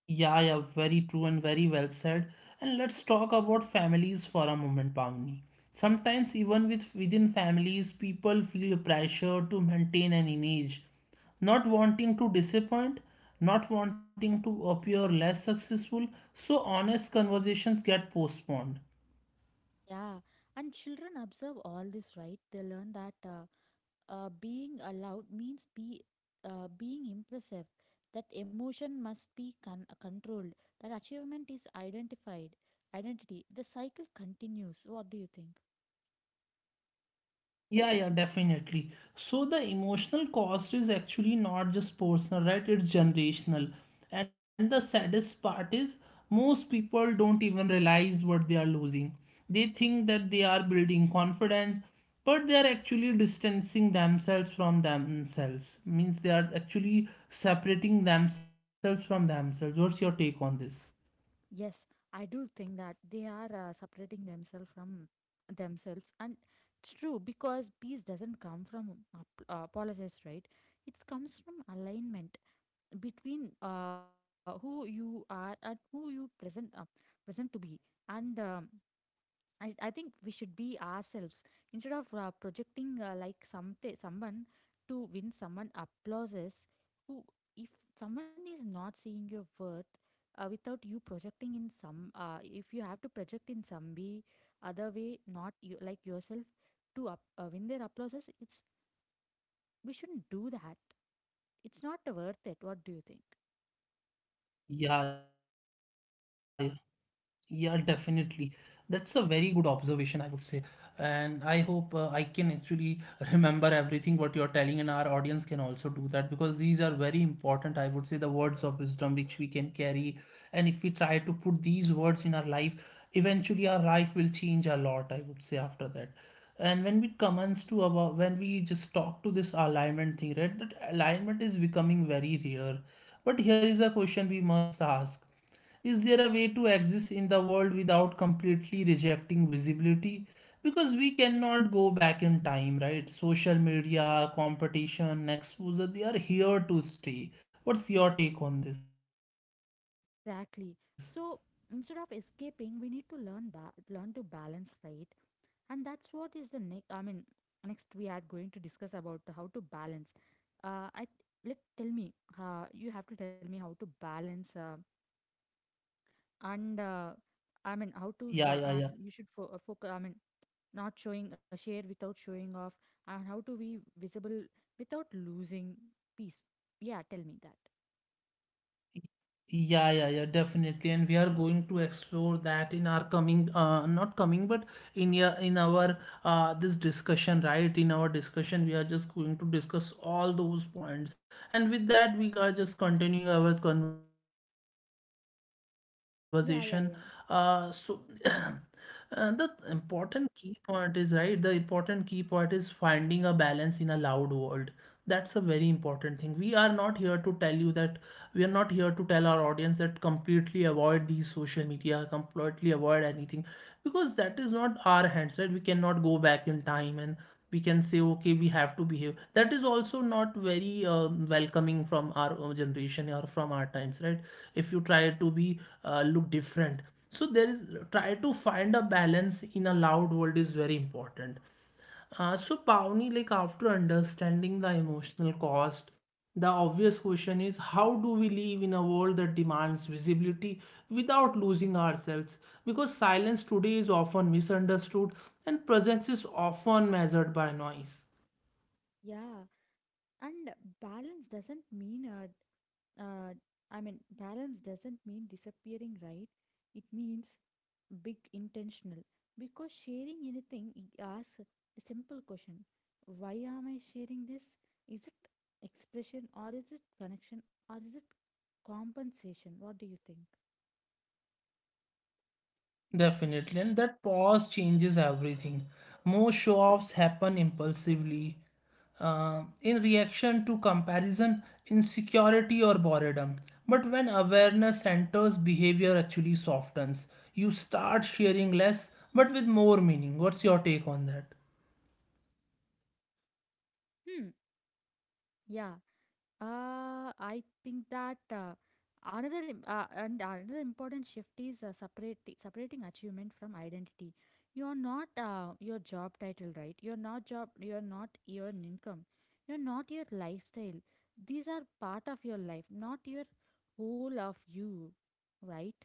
[SPEAKER 1] Yeah, very true and very well said. And let's talk about families for a moment, Pavni. Sometimes, even within families, people feel pressure to maintain an image, not wanting to disappoint, not wanting to appear less successful. So honest conversations get postponed.
[SPEAKER 2] Yeah, and children observe all this, right? They learn that being allowed means be being impressive, that emotion must be controlled, that achievement is identified identity. The cycle continues. What do you think?
[SPEAKER 1] Yeah, yeah, definitely. So the emotional cost is actually not just personal, right? It's generational. And the saddest part is most people don't even realize what they are losing. They think that they are building confidence, but they are actually distancing themselves from themselves. Means they are actually separating themselves from themselves. What's your take on this?
[SPEAKER 2] Yes, I do think that they are separating themselves from themselves, and it's true because peace doesn't come from apologies, right? It comes from alignment between who you are and who you present to be, and I think we should be ourselves instead of projecting like something someone to win someone applauses. Who, if someone is not seeing your worth without you projecting in some if you have to project in some way, other way, not you like yourself to win their applauses, it's, we shouldn't do that. It's not worth it. What do you think?
[SPEAKER 1] Yeah, yeah. Yeah, definitely. That's a very good observation, I would say. And I hope I can actually remember everything what you're telling, and our audience can also do that, because these are very important, I would say, the words of wisdom which we can carry. And if we try to put these words in our life, eventually our life will change a lot, I would say, after that. And when we commence to about when we just talk to this alignment thing, right, that alignment is becoming very rare. But here is a question we must ask: is there a way to exist in the world without completely rejecting visibility? Because we cannot go back in time, right? Social media, competition, exposure, they are here to stay. What's your take on this?
[SPEAKER 2] Exactly. So instead of escaping, we need to learn to balance, right? And that's what is the next, I mean, next we are going to discuss about how to balance. I Let, tell me, you have to tell me how to balance, and I mean how to
[SPEAKER 1] Yeah, yeah, yeah.
[SPEAKER 2] focus, I mean, not showing, a share without showing off, and how to be visible without losing peace. Yeah, tell me that.
[SPEAKER 1] Yeah, definitely. And we are going to explore that in our not coming, but in our this discussion, right? In our discussion, we are just going to discuss all those points. And with that, we are just continuing our conversation. So, [clears throat]
[SPEAKER 2] Yeah, yeah, yeah.
[SPEAKER 1] the important key point is, right? The important key point is finding a balance in a loud world. That's a very important thing. We are not here to tell you that we are not here to tell our audience that completely avoid these social media, completely avoid anything, because that is not our hands, right? We cannot go back in time and we can say okay, we have to behave. That is also not very welcoming from our generation or from our times, right? If you try to be look different, so there is, try to find a balance in a loud world is very important. So, Pawnee, like after understanding the emotional cost, the obvious question is how do we live in a world that demands visibility without losing ourselves? Because silence today is often misunderstood, and presence is often measured by noise.
[SPEAKER 2] Yeah, and balance doesn't mean uh, I mean, balance doesn't mean disappearing, right? It means big intentional because sharing anything it asks a simple question, why am I sharing this? Is it expression or is it connection or is it compensation? What do you think?
[SPEAKER 1] Definitely, and that pause changes everything. Most show offs happen impulsively, in reaction to comparison, insecurity, or boredom. But when awareness enters, behavior actually softens. You start sharing less, but with more meaning. What's your take on that?
[SPEAKER 2] Hmm, yeah. I think that and another important shift is separating achievement from identity. You are not your job title, right? You're not job. You're not your income. You're not your lifestyle. These are part of your life, not your whole of you, right?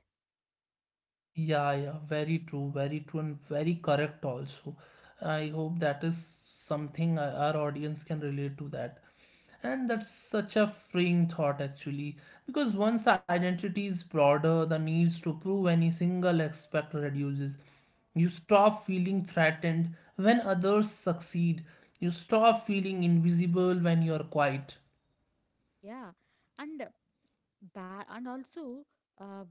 [SPEAKER 1] Yeah, very true, and very correct also. I hope that is something our audience can relate to that. And that's such a freeing thought, actually, because once identity is broader, the needs to prove any single aspect reduces. You stop feeling threatened when others succeed. You stop feeling invisible when you are quiet.
[SPEAKER 2] Yeah, and and also. Uh,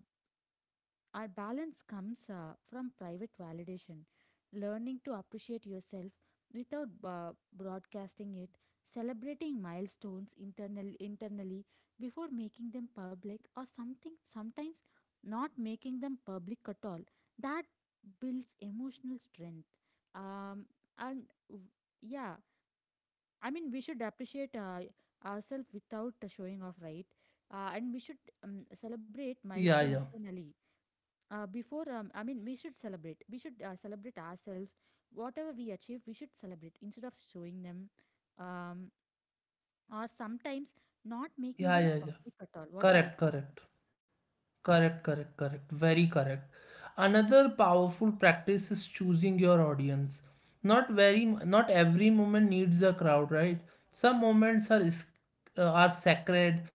[SPEAKER 2] Our balance comes from private validation, learning to appreciate yourself without broadcasting it, celebrating milestones internally before making them public, or something sometimes not making them public at all. That builds emotional strength. Um, and w- yeah, I mean, we should appreciate ourselves without showing off, right? And we should celebrate
[SPEAKER 1] Yeah,
[SPEAKER 2] milestone
[SPEAKER 1] yeah,
[SPEAKER 2] internally before we should celebrate ourselves whatever we achieve. We should celebrate instead of showing them, um, or sometimes not making
[SPEAKER 1] yeah,
[SPEAKER 2] them
[SPEAKER 1] yeah, yeah.
[SPEAKER 2] public at all. What do you
[SPEAKER 1] Correct,
[SPEAKER 2] think?
[SPEAKER 1] correct. Correct. Very correct. Another powerful practice is choosing your audience. Not every moment needs a crowd, right? Some moments are sacred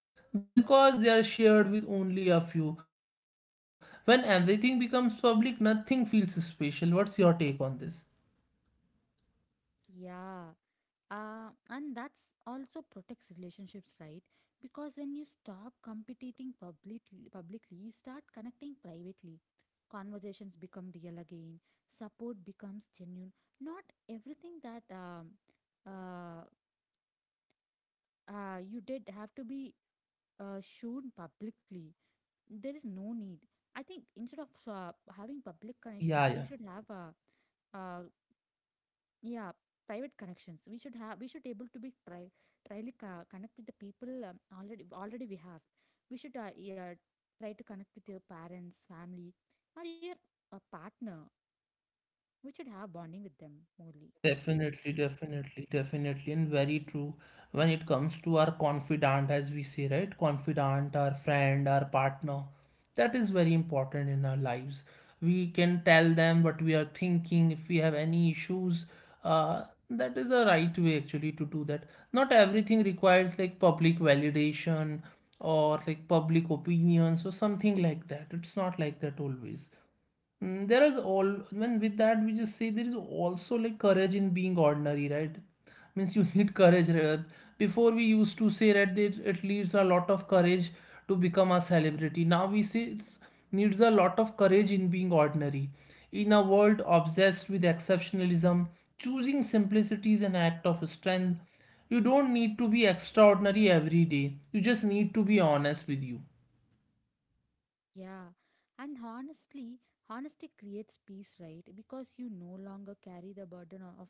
[SPEAKER 1] because they are shared with only a few. When everything becomes public, nothing feels special. What's your take on this?
[SPEAKER 2] Yeah, and that's also protects relationships, right? Because when you stop competing publicly you start connecting privately. Conversations become real again, support becomes genuine. Not everything that uh, you did have to be shown publicly. There is no need. I think instead of having public connections, we
[SPEAKER 1] Yeah,
[SPEAKER 2] should
[SPEAKER 1] yeah.
[SPEAKER 2] have uh, yeah, private connections. We should have, we should able to be try tryly co- connect with the people already we have. We should yeah, try to connect with your parents, family, or your partner. We should have bonding with them more.
[SPEAKER 1] Definitely, definitely, definitely, and very true. When it comes to our confidant, as we say, right? Confidant, our friend, our partner, that is very important in our lives. We can tell them what we are thinking, if we have any issues. Uh, that is a right way actually to do that. Not everything requires like public validation or like public opinions or something like that. It's not like that always. Mm, there is all when with that we just say there is also like courage in being ordinary, right? Means you [laughs] need courage. Before we used to say that it needs a lot of courage to become a celebrity. Now we say it needs a lot of courage in being ordinary. In a world obsessed with exceptionalism, choosing simplicity is an act of strength. You don't need to be extraordinary every day. You just need to be honest with you.
[SPEAKER 2] Yeah, and honestly, honesty creates peace, right? Because you no longer carry the burden o- of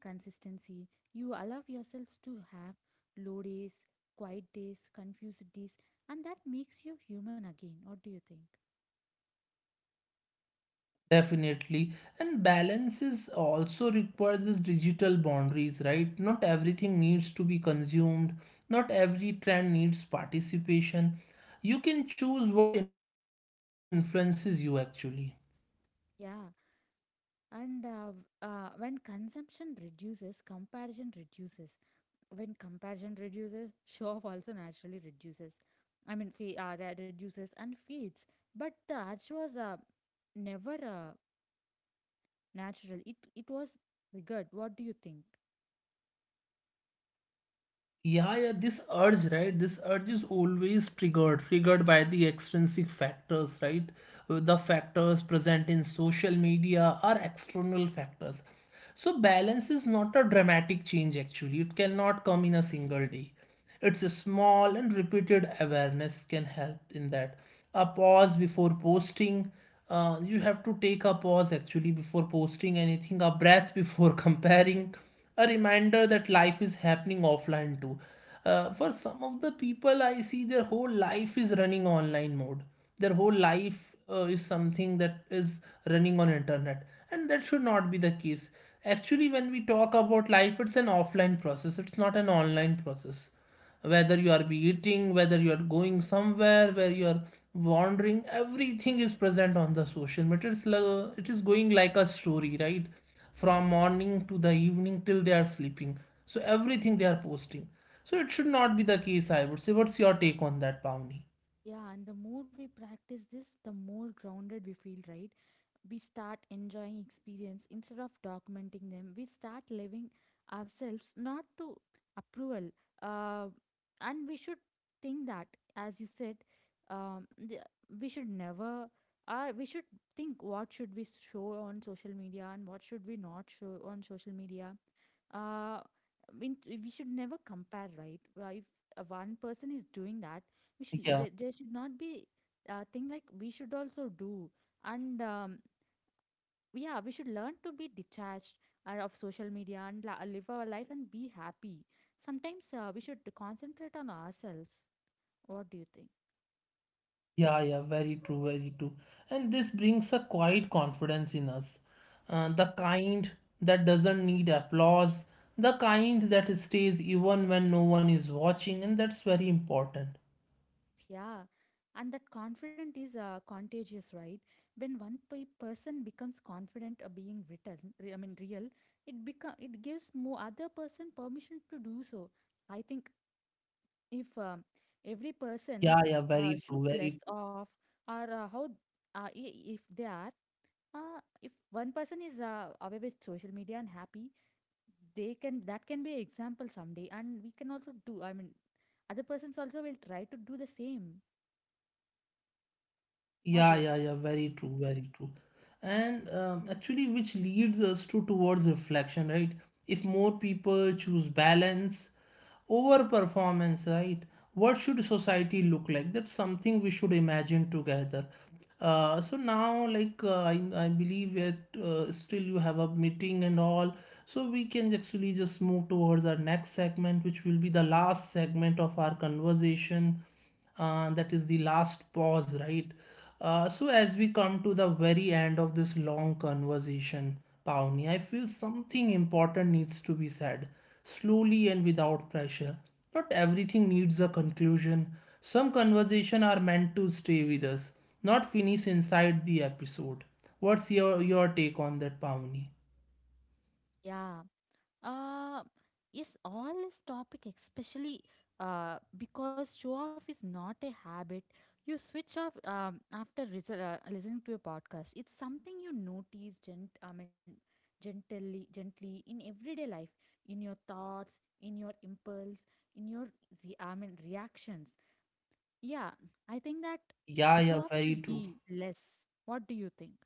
[SPEAKER 2] consistency. You allow yourselves to have low days, quiet days, confused days, and that makes you human again. What do you think?
[SPEAKER 1] Definitely. And balance is also requires this digital boundaries, right? Not everything needs to be consumed. Not every trend needs participation. You can choose what influences you actually.
[SPEAKER 2] Yeah, and when consumption reduces, comparison reduces. When comparison reduces, [laughs] show off also naturally reduces. I mean, that reduces and fades. But the urge was never. Natural. It was weird. What do you think?
[SPEAKER 1] Yeah, yeah, this urge, right? This urge is always triggered, triggered by the extrinsic factors, right? The factors present in social media are external factors. So balance is not a dramatic change actually. It cannot come in a single day. It's a small and repeated awareness can help in that. A pause before posting. You have to take a pause actually before posting anything, a breath before [laughs] comparing, a reminder that life is happening offline too. For some of the people, I see their whole life is running online mode. Their whole life is something that is running on internet, and that should not be the case. Actually, when we talk about life, it's an offline process. It's not an online process. Whether you are be eating, whether you are going somewhere, where you are wandering, everything is present on the social media. It is going like a story, right? From morning to the evening till they are sleeping. So everything they are posting. So it should not be the case, I would say. What's your take on that, Pavni?
[SPEAKER 2] Yeah, and the more we practice this, the more grounded we feel, right? We start enjoying experience instead of documenting them. We start living ourselves not to approval. Uh, and we should think that, as you said, um, the, we should never. We should think what should we show on social media and what should we not show on social media. Uh, we should never compare, right? If one person is doing that, we there should not be a thing like we should also do. And yeah, we should learn to be detached of social media and la- live our life and be happy. Sometimes we should concentrate on ourselves. What do you think?
[SPEAKER 1] Yeah, yeah, very true, very true. And this brings a quiet confidence in us. The kind that doesn't need applause, the kind that stays even when no one is watching, and that's very important.
[SPEAKER 2] Yeah, and that confidence is contagious, right? When one pe- person becomes confident of being written re- I mean real, it become it gives more other person permission to do so. I think if every person
[SPEAKER 1] Yeah, yeah, very true,
[SPEAKER 2] shoots less
[SPEAKER 1] very true.
[SPEAKER 2] off, or if they are if one person is away with social media and happy, they can that can be an example someday, and we can also do, I mean other persons also will try to do the same. What do
[SPEAKER 1] Yeah,
[SPEAKER 2] you think?
[SPEAKER 1] yeah, yeah, very true, very true. And actually, which leads us to towards reflection, right? If more people choose balance, overperformance, right, what should society look like? That's something we should imagine together. So now I believe that still you have a meeting and all, so we can actually just move towards our next segment, which will be the last segment of our conversation. That is the last pause, right? So as we come to the very end of this long conversation, Pauni, I feel something important needs to be said, slowly and without pressure. Not everything needs a conclusion. Some conversations are meant to stay with us, not finish inside the episode. What's your take on that, Pauni?
[SPEAKER 2] Yeah. Uh, yes, all this topic, especially because show off is not a habit. You switch off after ris- listening to a podcast. It's something you notice gent- I mean, gently, gently in everyday life, in your thoughts, in your impulse, in your re- I mean, reactions. Yeah, I think that
[SPEAKER 1] Yeah, yeah,
[SPEAKER 2] show off
[SPEAKER 1] very
[SPEAKER 2] should be
[SPEAKER 1] true.
[SPEAKER 2] less. What do you think?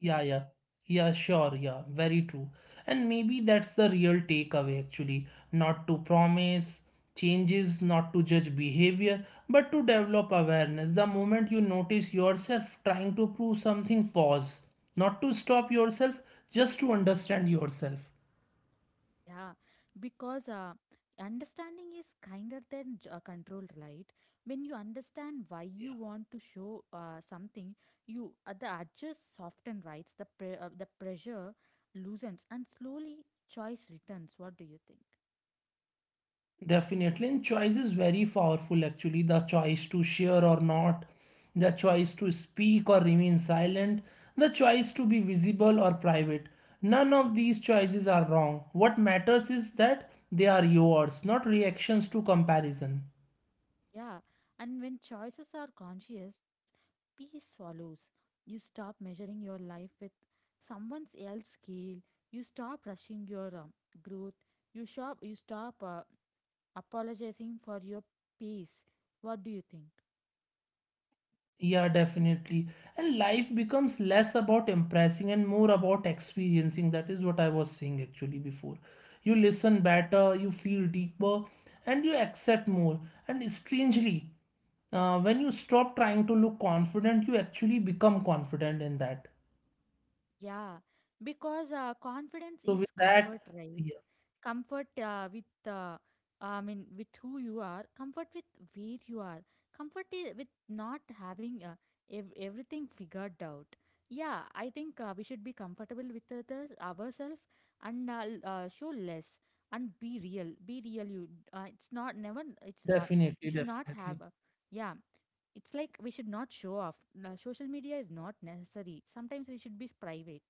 [SPEAKER 1] Yeah, yeah. Yeah, sure. Yeah, very true. And maybe that's the real takeaway actually. Not to promise changes, not to judge behavior, but to develop awareness. The moment you notice yourself trying to prove something, pause. Not to stop yourself, just to understand yourself.
[SPEAKER 2] Yeah, because understanding is kinder than j- control, right? When you understand why you want to show something, you the edges soften, right? The pre- the pressure loosens, and slowly choice returns. What do you think?
[SPEAKER 1] Definitely, and choice is very powerful actually. The choice to share or not, the choice to speak or remain silent, the choice to be visible or private. None of these choices are wrong. What matters is that they are yours, not reactions to comparison.
[SPEAKER 2] Yeah, and when choices are conscious, peace follows. You stop measuring your life with someone else's scale. You stop rushing your growth. You stop. You stop. Apologizing for your peace. What do you think?
[SPEAKER 1] Yeah, definitely. And life becomes less about impressing and more about experiencing. That is what I was saying actually before. You listen better, you feel deeper, and you accept more. And strangely, when you stop trying to look confident, you actually become confident in that.
[SPEAKER 2] Yeah, because confidence
[SPEAKER 1] So with
[SPEAKER 2] is
[SPEAKER 1] that,
[SPEAKER 2] comfort, right?
[SPEAKER 1] yeah,
[SPEAKER 2] Comfort I mean, with who you are, comfort with where you are, comfort I- with not having everything figured out. Yeah, I think we should be comfortable with others, ourselves, and show less and be real. Be real. You, it's not never. It's we should
[SPEAKER 1] definitely,
[SPEAKER 2] not have.
[SPEAKER 1] definitely.
[SPEAKER 2] Yeah, it's like we should not show off. Social media is not necessary. Sometimes we should be private.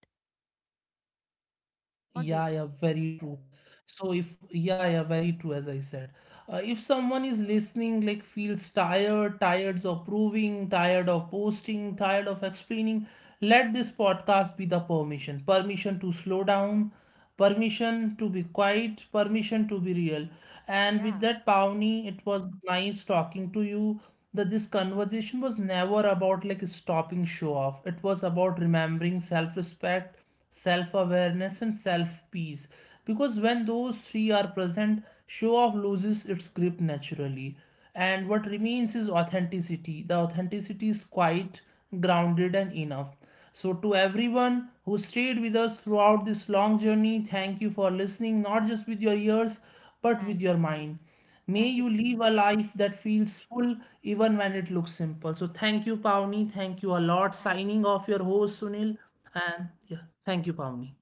[SPEAKER 2] What do you
[SPEAKER 1] Yeah,
[SPEAKER 2] think?
[SPEAKER 1] yeah, very true. So if yeah, yeah, very true as I said. If someone is listening, like feels tired, tired of proving, tired of posting, tired of explaining, let this podcast be the permission. Permission to slow down, permission to be quiet, permission to be real. And with
[SPEAKER 2] Yeah.
[SPEAKER 1] that, Pawnee, it was nice talking to you. That this conversation was never about like stopping show off. It was about remembering self-respect, self awareness, and self peace. Because when those three are present, show off loses its grip naturally. And what remains is authenticity. The authenticity is quite grounded and enough. So, to everyone who stayed with us throughout this long journey, thank you for listening not just with your ears but with
[SPEAKER 2] Thank
[SPEAKER 1] your
[SPEAKER 2] you. Thank.
[SPEAKER 1] mind. May
[SPEAKER 2] Thank you,
[SPEAKER 1] you live
[SPEAKER 2] Sunil.
[SPEAKER 1] a life that feels full even when it looks simple. So, thank you, Pawnee. Thank you a lot.
[SPEAKER 2] Thank you.
[SPEAKER 1] Signing
[SPEAKER 2] Thank you.
[SPEAKER 1] off, your host Sunil. And yeah. Thank you, Pavni.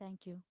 [SPEAKER 2] Thank you.